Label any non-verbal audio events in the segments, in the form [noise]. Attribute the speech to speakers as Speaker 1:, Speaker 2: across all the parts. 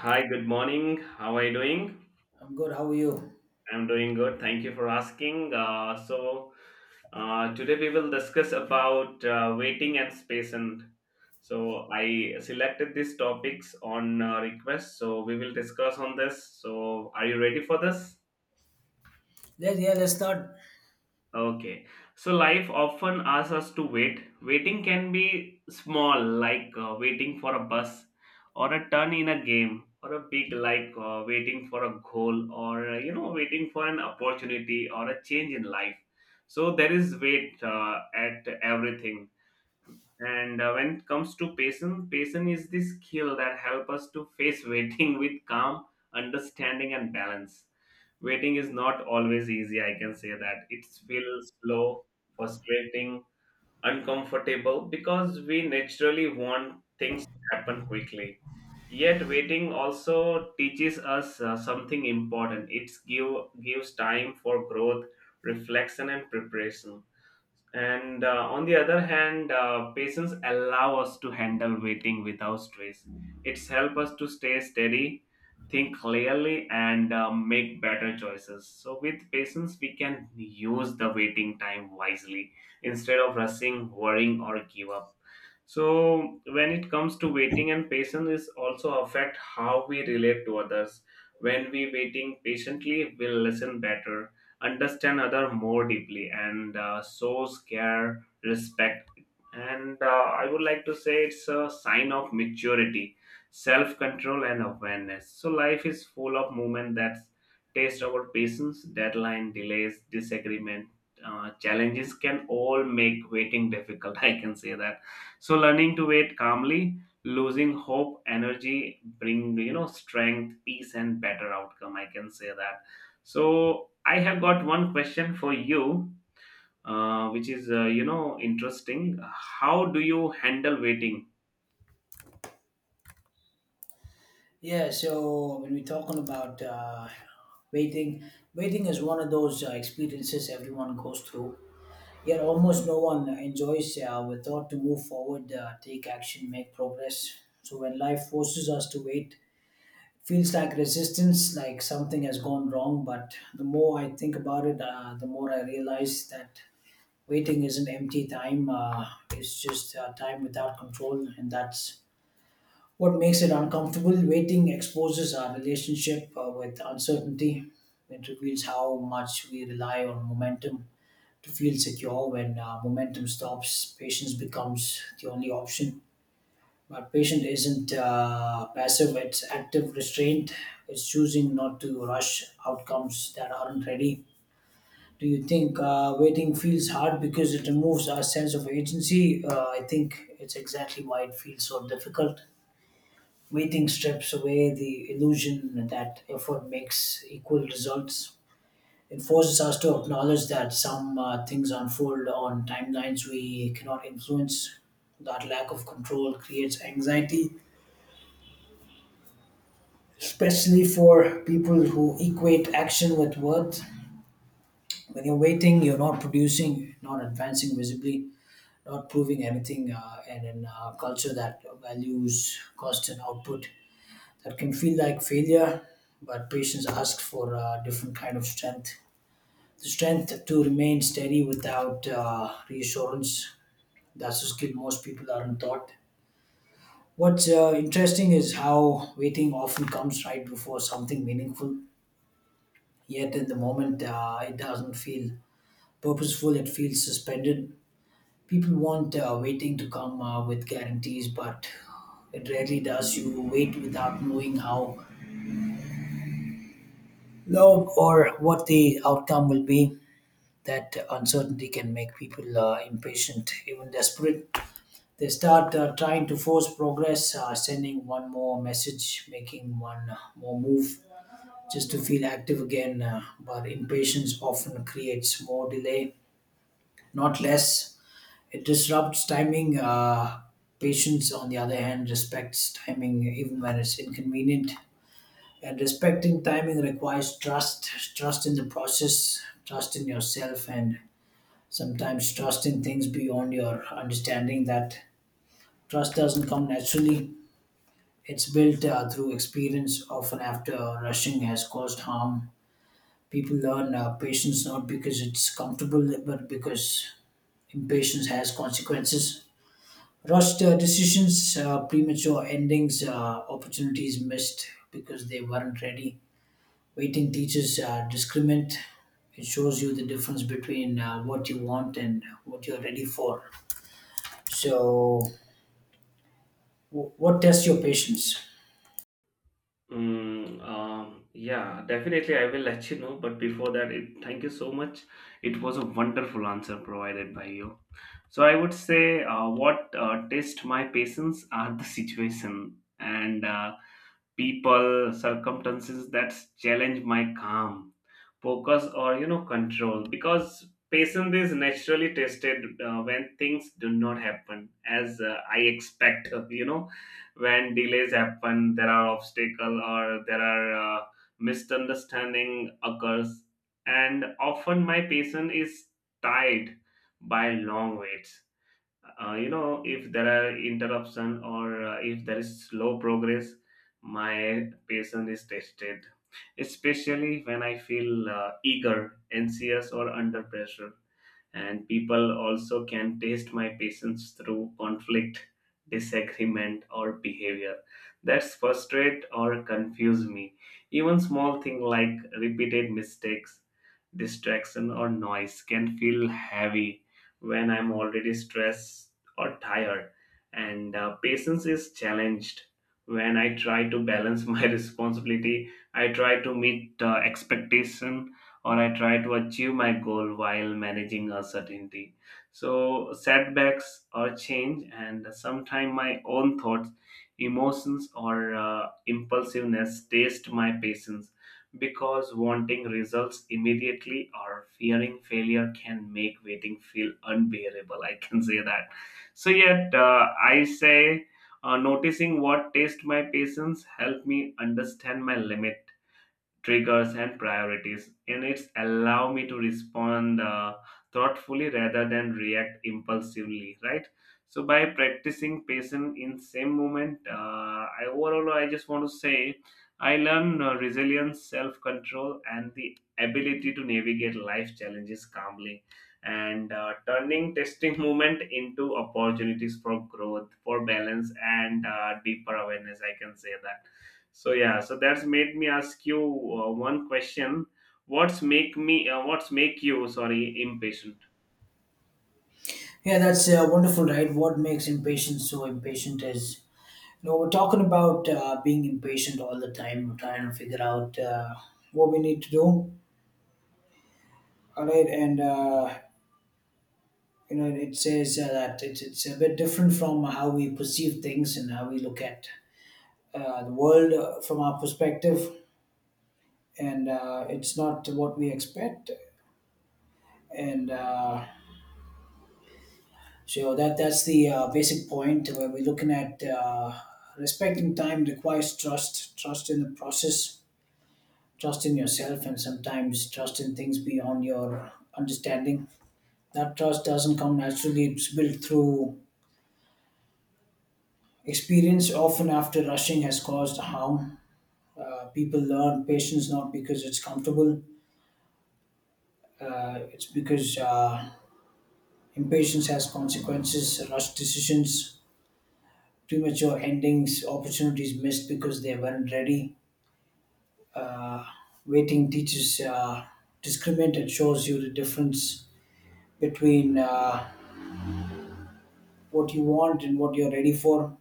Speaker 1: Hi, good morning. How are you doing?
Speaker 2: I'm good. How are you?
Speaker 1: I'm doing good. Thank you for asking. Today we will discuss about waiting and space. I selected these topics on request. So, we will discuss on this. So, are you ready for this?
Speaker 2: Let's start.
Speaker 1: Okay, so life often asks us to wait. Waiting can be small, like waiting for a bus, or a turn in a game, or a big, like waiting for a goal, or you know, waiting for an opportunity or a change in life. So there is wait at everything. And when it comes to patience, patience is the skill that help us to face [laughs] waiting with calm, understanding, and balance. Waiting is not always easy, I can say that. It feels slow, frustrating, uncomfortable because we naturally want things to happen quickly. Yet waiting also teaches us something important. Gives time for growth, reflection, and preparation, and on the other hand, patience allow us to handle waiting without stress. It's help us to stay steady, think clearly, and make better choices. So with patience, we can use the waiting time wisely instead of rushing, worrying, or give up. So when it comes to waiting and patience is also affect how we relate to others. When we waiting patiently, we'll listen better, understand other more deeply, and shows care respect. And I would like to say it's a sign of maturity, self control, and awareness. So life is full of moment that taste our patience: deadline, delays, disagreement, challenges can all make waiting difficult, [laughs] I can say that. So learning to wait calmly, losing hope, energy, bring strength, peace, and better outcome. I can say that. So I have got one question for you, which is interesting. How do you handle waiting?
Speaker 2: Yeah. So when we're talking about waiting, waiting is one of those experiences everyone goes through. Yet almost no one enjoys the thought to move forward, take action, make progress. So when life forces us to wait, it feels like resistance, like something has gone wrong. But the more I think about it, the more I realize that waiting isn't empty time. It's just time without control, and that's what makes it uncomfortable. Waiting exposes our relationship with uncertainty. It reveals how much we rely on momentum to feel secure. When momentum stops, patience becomes the only option. But patience isn't passive, it's active restraint. It's choosing not to rush outcomes that aren't ready. Do you think waiting feels hard because it removes our sense of agency? I think it's exactly why it feels so difficult. Waiting strips away the illusion that effort makes equal results. It forces us to acknowledge that some things unfold on timelines we cannot influence. That lack of control creates anxiety, especially for people who equate action with worth. When you're waiting, you're not producing, not advancing visibly, not proving anything, and in a culture that values cost and output, that can feel like failure, but patience asks for a different kind of strength. The strength to remain steady without reassurance. That's a skill most people aren't taught. What's interesting is how waiting often comes right before something meaningful, yet in the moment it doesn't feel purposeful, it feels suspended. People want waiting to come with guarantees, but it rarely does. You wait without knowing how long or what the outcome will be. That uncertainty can make people impatient, even desperate. They start trying to force progress, sending one more message, making one more move just to feel active again. But impatience often creates more delay, not less. It disrupts timing. Patience, on the other hand, respects timing even when it's inconvenient. And respecting timing requires trust, trust in the process, trust in yourself, and sometimes trust in things beyond your understanding. That trust doesn't come naturally, it's built through experience, often after rushing has caused harm. People learn patience not because it's comfortable but because impatience has consequences: rushed decisions, premature endings, opportunities missed because they weren't ready. Waiting teaches discriminant. It shows you the difference between what you want and what you're ready for. So what tests your patience?
Speaker 1: Mm, yeah, definitely. I will let you know. But before that, it, thank you so much. It was a wonderful answer provided by you. So I would say what test my patience are the [laughs] situation and people, circumstances that challenge my calm, focus, or control. Because patience is naturally tested when things do not happen as I expect. [laughs] You know, when delays happen, there are obstacle or there are misunderstanding occurs, and often my patience is tied by long waits. You know, if there are interruption or if there is slow progress, my patience is tested, especially when I feel eager, anxious, or under pressure. And people also can taste my patience through conflict, disagreement, or behavior that's frustrate or confuse me. Even small thing like repeated mistakes, distraction, or noise can feel heavy when I'm already stressed or tired. And patience is challenged when I try to balance my [laughs] responsibility, I try to meet expectation, or I try to achieve my goal while managing uncertainty. So setbacks or change, and sometimes my own thoughts, emotions, or impulsiveness taste my patience, because wanting results immediately or fearing failure can make waiting feel unbearable. I can say that. So yet I say. Noticing what taste my patience help me understand my limit, triggers, and priorities, and it's allow me to respond thoughtfully rather than react impulsively, right? So by practicing patience in same moment, I overall I just want to say I learn resilience, self control, and the ability to navigate life challenges calmly, and turning testing [laughs] moment into opportunities for growth, for balance, and deeper awareness, I can say that. So yeah, so that's made me ask you one question. What's make me? What's make you? Sorry, impatient.
Speaker 2: Yeah, that's wonderful, right? What makes impatience so impatient is, you know, we're talking about being impatient all the time. We're trying to figure out what we need to do, all right? You know, it says that it's a bit different from how we perceive things and how we look at the world from our perspective. And it's not what we expect. And, uh, So that's the basic point where we're looking at. Respecting time requires trust, trust in the process, trust in yourself, and sometimes trust in things beyond your understanding. That trust doesn't come naturally; it's built through experience. Often, after rushing has caused harm, people learn patience not because it's comfortable, it's because impatience has consequences. Rushed decisions, premature endings, opportunities missed because they weren't ready. uh, Weighting teaches discriminate. It shows you the difference between what you want and what you're ready for.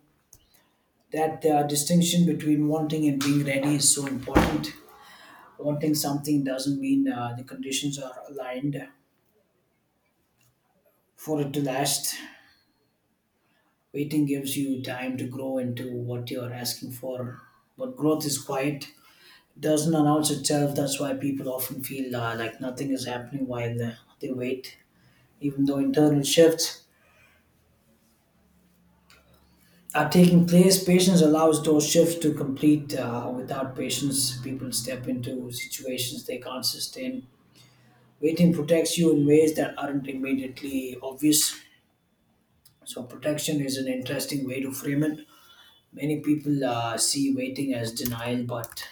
Speaker 2: That distinction between wanting and being ready is so important. Wanting something doesn't mean the conditions are aligned for it to last. Waiting gives you time to grow into what you're asking for, but growth is quiet. It doesn't announce itself. That's why people often feel like nothing is happening while they wait, even though internal shifts are taking place. Patience allows those shifts to complete. Without patience, people step into situations they can't sustain. Waiting protects you in ways that aren't immediately obvious. So, protection is an interesting way to frame it. Many people see waiting as denial, but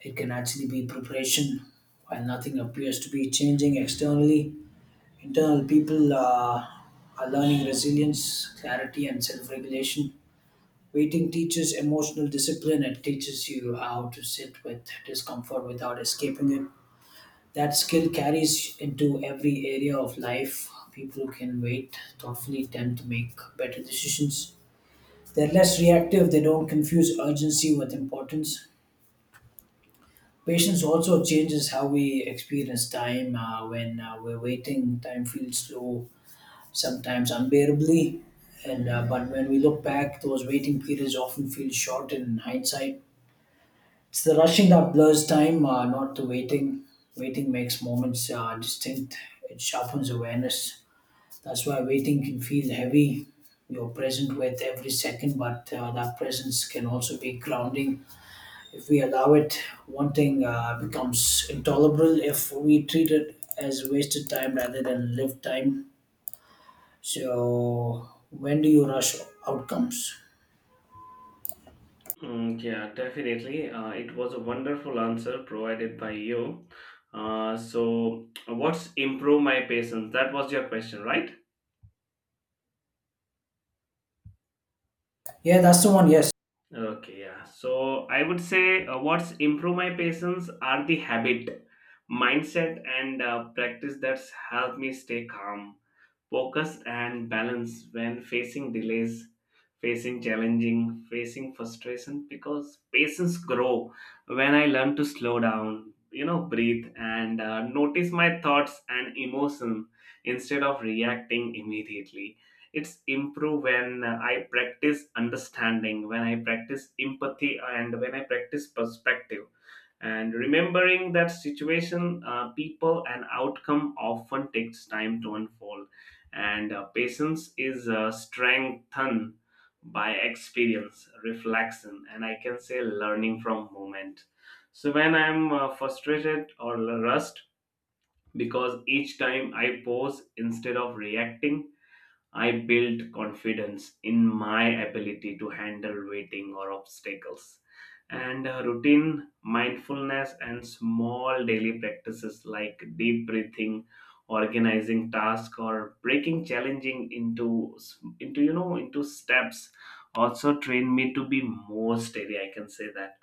Speaker 2: it can actually be preparation. While nothing appears to be changing externally, internal people are learning resilience, clarity, and self regulation. Waiting teaches emotional discipline. It teaches you how to sit with discomfort without escaping it. That skill carries into every area of life. People who can wait thoughtfully tend to make better decisions. They're less reactive, they don't confuse urgency with importance. Patience also changes how we experience time. When we're waiting, time feels slow, sometimes unbearably. And But when we look back, those waiting periods often feel short in hindsight. It's the rushing that blurs time, not the waiting. Waiting makes moments distinct. It sharpens awareness. That's why waiting can feel heavy. You're present with every second, but that presence can also be grounding. If we allow it, wanting becomes intolerable if we treat it as wasted time rather than lived time. So, when do you rush outcomes?
Speaker 1: Mm, yeah, definitely. It was a wonderful answer provided by you. So what's improve my patience? That was your question, right?
Speaker 2: Yeah, that's the one, yes.
Speaker 1: Okay, yeah. So I would say what's improve my patience are the habit, mindset, and practice that's helped me stay calm, focus, and balance when facing delays, facing challenging, facing frustration, because patience grow when I learn to slow down, breathe, and notice my thoughts and emotion instead of reacting immediately. It's improve when I practice understanding, when I practice empathy, and when I practice perspective, and remembering that situation, people, and outcome often takes time to unfold. And patience is strengthened by experience, reflection, and I can say learning from moment. So when I'm frustrated or rushed, because each time I pause instead of reacting, I built confidence in my ability to handle waiting or obstacles. And routine, mindfulness, and small daily practices like deep breathing, organizing tasks, or breaking challenging into into steps also train me to be more steady. I can say that.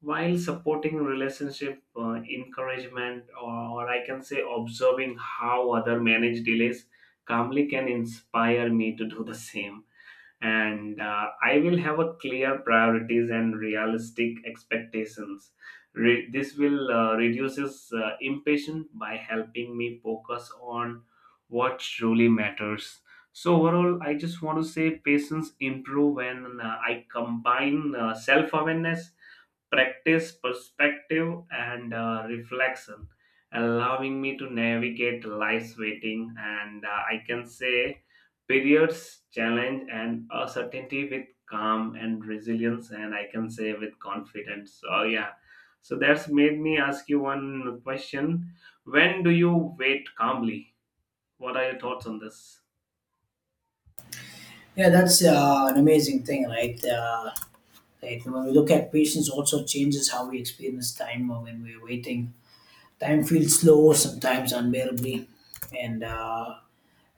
Speaker 1: While supporting relationship, encouragement, or I can say observing how other manage delays calmly can inspire me to do the same. And I will have a clear priorities and realistic expectations. This will reduces impatience by helping me focus on what truly matters. So overall I just want to say patience improve when I combine self awareness, practice, perspective, and reflection, allowing me to navigate life's waiting and I can say periods, challenge, and uncertainty with calm and resilience, and I can say with confidence. So, yeah. So that's made me ask you one question. When do you wait calmly? What are your thoughts on this?
Speaker 2: Yeah, that's an amazing thing, right? Right? And when we look at patience, also changes how we experience time when we're waiting. Time feels slow, sometimes unbearably, and uh,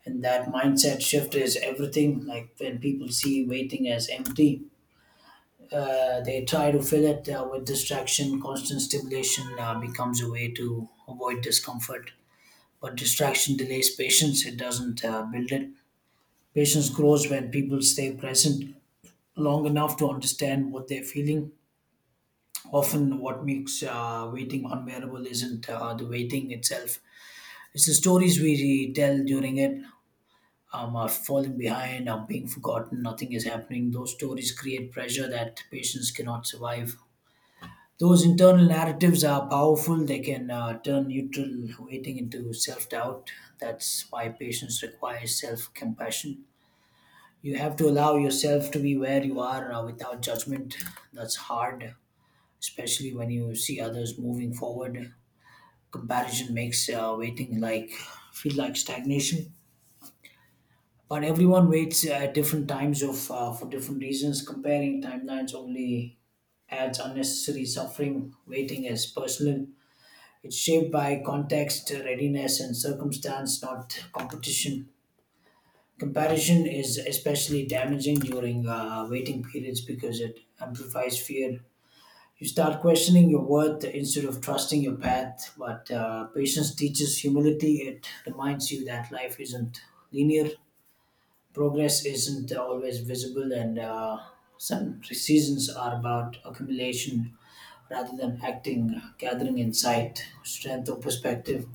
Speaker 2: and that mindset shift is everything. Like when people see waiting as empty, they try to fill it with distraction. Constant stimulation becomes a way to avoid discomfort, but distraction delays patience. It doesn't build it. Patience grows when people stay present long enough to understand what they're feeling. Often, what makes waiting unbearable isn't the waiting itself, it's the stories we tell during it. Are falling behind, are being forgotten, nothing is happening. Those stories create pressure that patients cannot survive. Those internal narratives are powerful. They can turn neutral waiting into self doubt. That's why patience requires self compassion. You have to allow yourself to be where you are without judgment. That's hard, especially when you see others moving forward. Comparison makes waiting feel like stagnation, but everyone waits at different times of for different reasons. Comparing timelines only adds unnecessary suffering. Waiting is personal, it's shaped by context, readiness and circumstance, not competition. Comparison is especially damaging during waiting periods because it amplifies fear. You start questioning your worth instead of trusting your path. But patience teaches humility. It reminds you that life isn't linear, progress isn't always visible, and some seasons are about accumulation rather than acting, gathering insight, strength or perspective.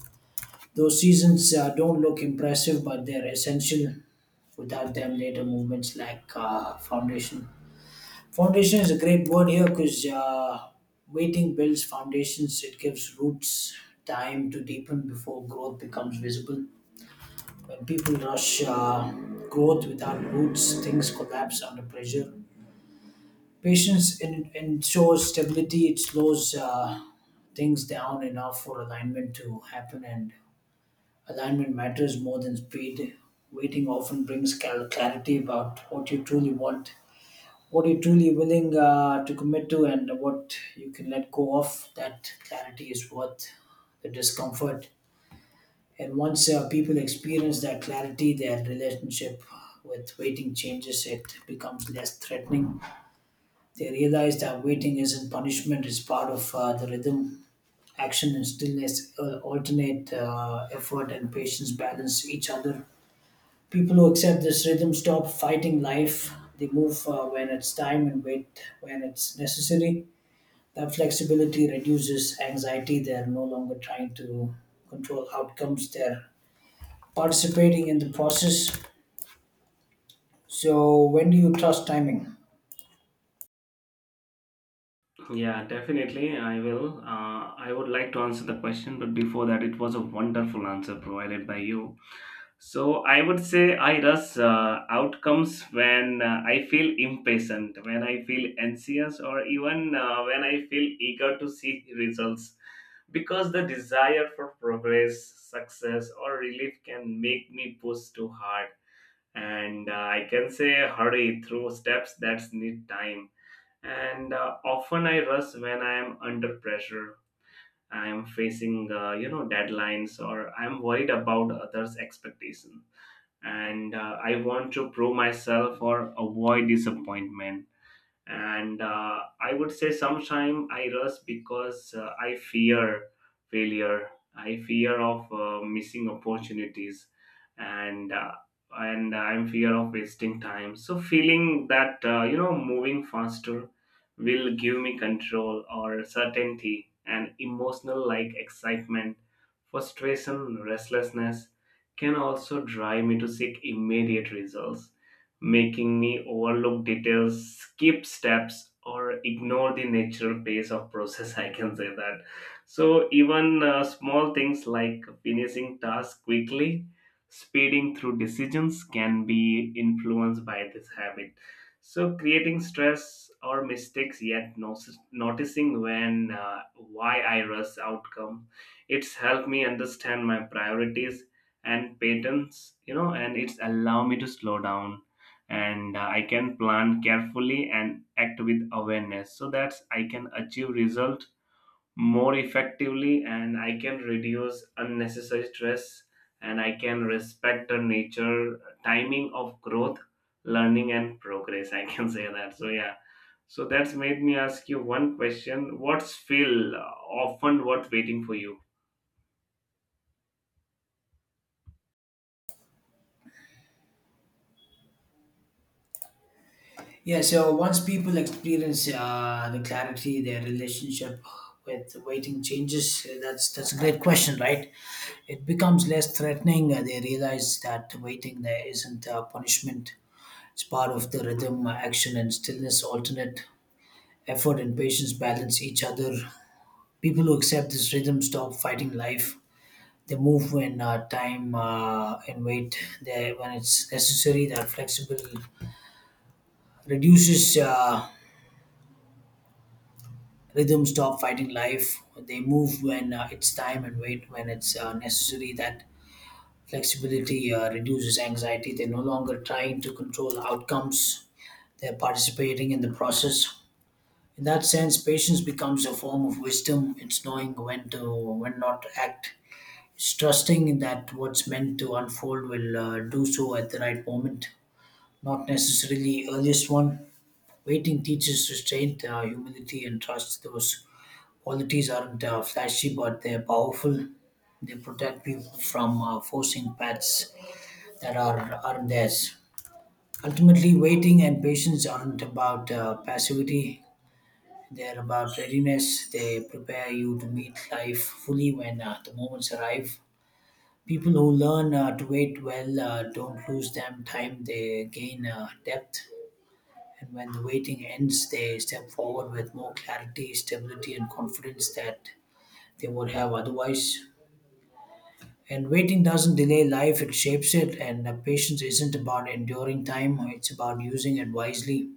Speaker 2: Those seasons don't look impressive, but they're essential. Without them, later movements lack foundation. Foundation is a great word here because waiting builds foundations. It gives roots time to deepen before growth becomes visible. When people rush growth without roots, things collapse under pressure. Ensures stability. It slows things down enough for alignment to happen, and alignment matters more than speed. Waiting often brings clarity about what you truly want, what you're truly willing to commit to, and what you can let go of. That clarity is worth the discomfort. And once people experience that clarity, their relationship with waiting changes. It becomes less threatening. They realize that waiting isn't punishment, it's part of the rhythm. Action and stillness alternate, effort and patience balance each other. People who accept this rhythm stop fighting life. They move when it's time and wait when it's necessary. That flexibility reduces anxiety. They're no longer trying to control outcomes, they're participating in the process. So, when do you trust timing?
Speaker 1: Yeah, definitely. I will. I would like to answer the question, but before that, it was a wonderful answer provided by you. So I would say I rush outcomes when I feel impatient, when I feel anxious, or even when I feel eager to see results. Because the desire for progress, success, or relief can make me push too hard, and I can say hurry through steps that need time. And often I rush when I am under pressure. I am facing, deadlines, or I am worried about others' expectation, and I want to prove myself or avoid disappointment. And I would say sometimes I rush because I fear failure, I fear of missing opportunities, and I'm fear of wasting time, so feeling that moving faster will give me control or certainty. And emotional like excitement, frustration, restlessness can also drive me to seek immediate results, making me overlook details, skip steps, or ignore the natural pace of process. [laughs] I can say that. So even small things like finishing tasks quickly, speeding through decisions, can be influenced by this habit. So creating stress or mistakes, yet noticing when why I rush outcome. It's helped me understand my priorities and patterns, and it's allowed me to slow down, and I can plan carefully and act with awareness, so that I can achieve result more effectively, and I can reduce unnecessary stress, and I can respect the nature timing of growth, learning, and progress, I can [laughs] say that. So yeah, so that's made me ask you one question. What's feel often worth waiting for you?
Speaker 2: Yeah, so once people experience the clarity, their relationship with waiting changes. That's a great question, right? It becomes less threatening. They realize that waiting there isn't a punishment. It's part of the rhythm, action, and stillness, alternate effort and patience balance each other. People who accept this rhythm stop fighting life. They move when time and wait. They, when it's necessary, they're flexible. Reduces rhythm, stop fighting life. They move when it's time and wait when it's necessary. That flexibility reduces anxiety. They're no longer trying to control outcomes. They're participating in the process. In that sense, patience becomes a form of wisdom. It's knowing when to, when not to act. It's trusting that what's meant to unfold will do so at the right moment, not necessarily earliest one. Waiting teaches restraint, humility, and trust. Those qualities aren't flashy, but they're powerful. They protect people from forcing paths that aren't theirs. Ultimately, waiting and patience aren't about passivity. They're about readiness. They prepare you to meet life fully when the moments arrive. People who learn to wait well don't lose them time. They gain depth, and when the waiting ends, they step forward with more clarity, stability, and confidence that they would have otherwise. And waiting doesn't delay life; it shapes it. And patience isn't about enduring time; it's about using it wisely.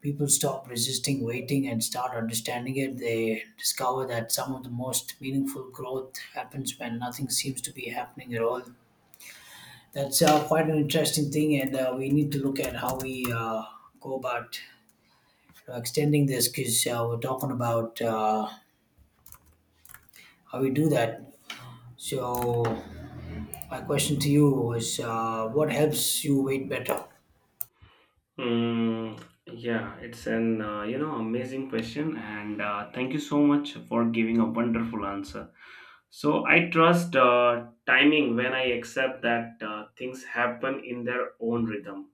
Speaker 2: People stop resisting waiting and start understanding it, they discover that some of the most meaningful growth happens when nothing seems to be happening at all. That's quite an interesting thing, and we need to look at how we go about extending this because we're talking about how we do that. So, my question to you is what helps you wait better?
Speaker 1: Hmm. Yeah, it's an amazing question, and thank you so much for giving a wonderful answer. So I trust timing when I accept that things happen in their own rhythm.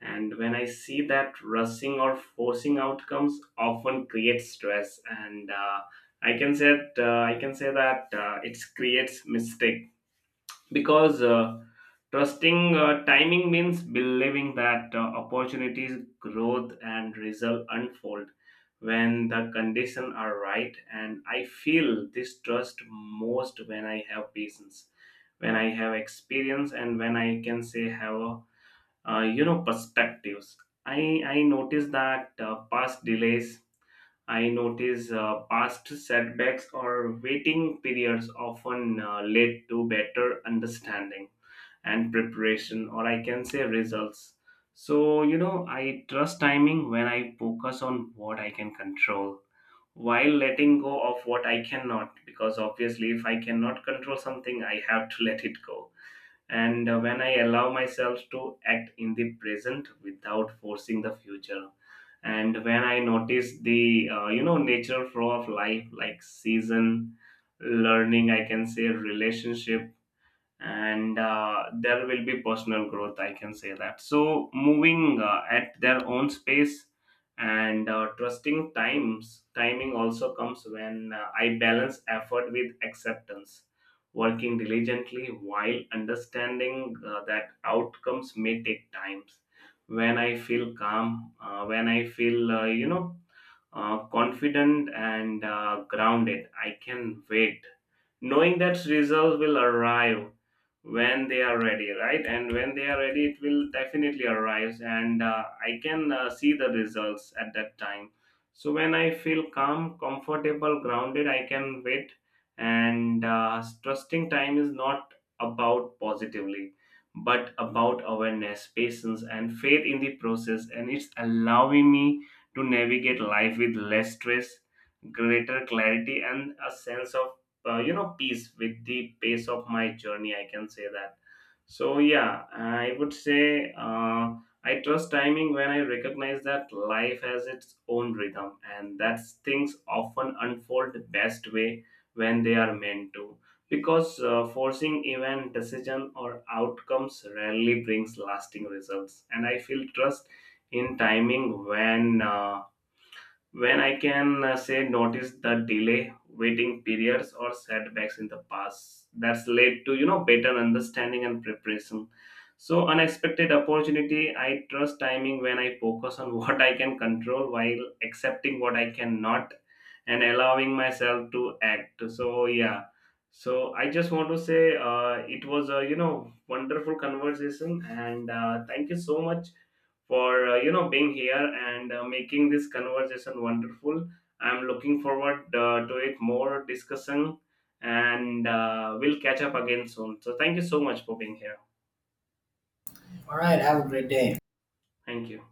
Speaker 1: And when I see that rushing or forcing outcomes often creates stress, and I can say that it creates mistake, because trusting timing means believing that opportunities, growth, and result unfold when the conditions are right. And I feel this trust most when I have patience, when I have experience, and when I can say have a perspectives. I notice that past delays, I notice past setbacks or waiting periods often lead to better understanding and preparation, or I can say results. So I trust timing when I focus on what I can control while letting go of what I cannot, because obviously if I cannot control something, I have to [laughs] let it go. And when I allow myself to act in the present without forcing the future, and when I notice the natural flow of life, like season, learning, I can say relationship, and there will be personal growth, I can say that. So moving at their own space. And trusting times timing also comes when I balance effort with acceptance, working diligently while understanding that outcomes may take times. When I feel calm, when I feel confident and grounded, I can wait, knowing that results will arrive when they are ready, right? And when they are ready, it will definitely arrive, and I can see the results at that time. So when I feel calm, comfortable, grounded, I can wait. And trusting time is not about positively, but about awareness, patience, and faith in the process. And it's allowing me to navigate life with less stress, greater clarity, and a sense of peace with the pace of my journey. I can say that. So yeah, I would say I trust timing when I recognize that life has its own rhythm, and that things often unfold best way when they are meant to. Because forcing event, decision, or outcomes rarely brings lasting results, and I feel trust in timing when I can say notice the delay, waiting periods, or setbacks in the past. That's led to better understanding and preparation. So unexpected opportunity, I trust timing when I focus on [laughs] what I can control while accepting what I cannot, and allowing myself to act. So yeah. So I just want to say it was a wonderful conversation, and thank you so much for being here, and making this conversation wonderful. I'm looking forward to it more discussion, and we'll catch up again soon. So thank you so much for being here.
Speaker 2: All right, have a great day.
Speaker 1: Thank you.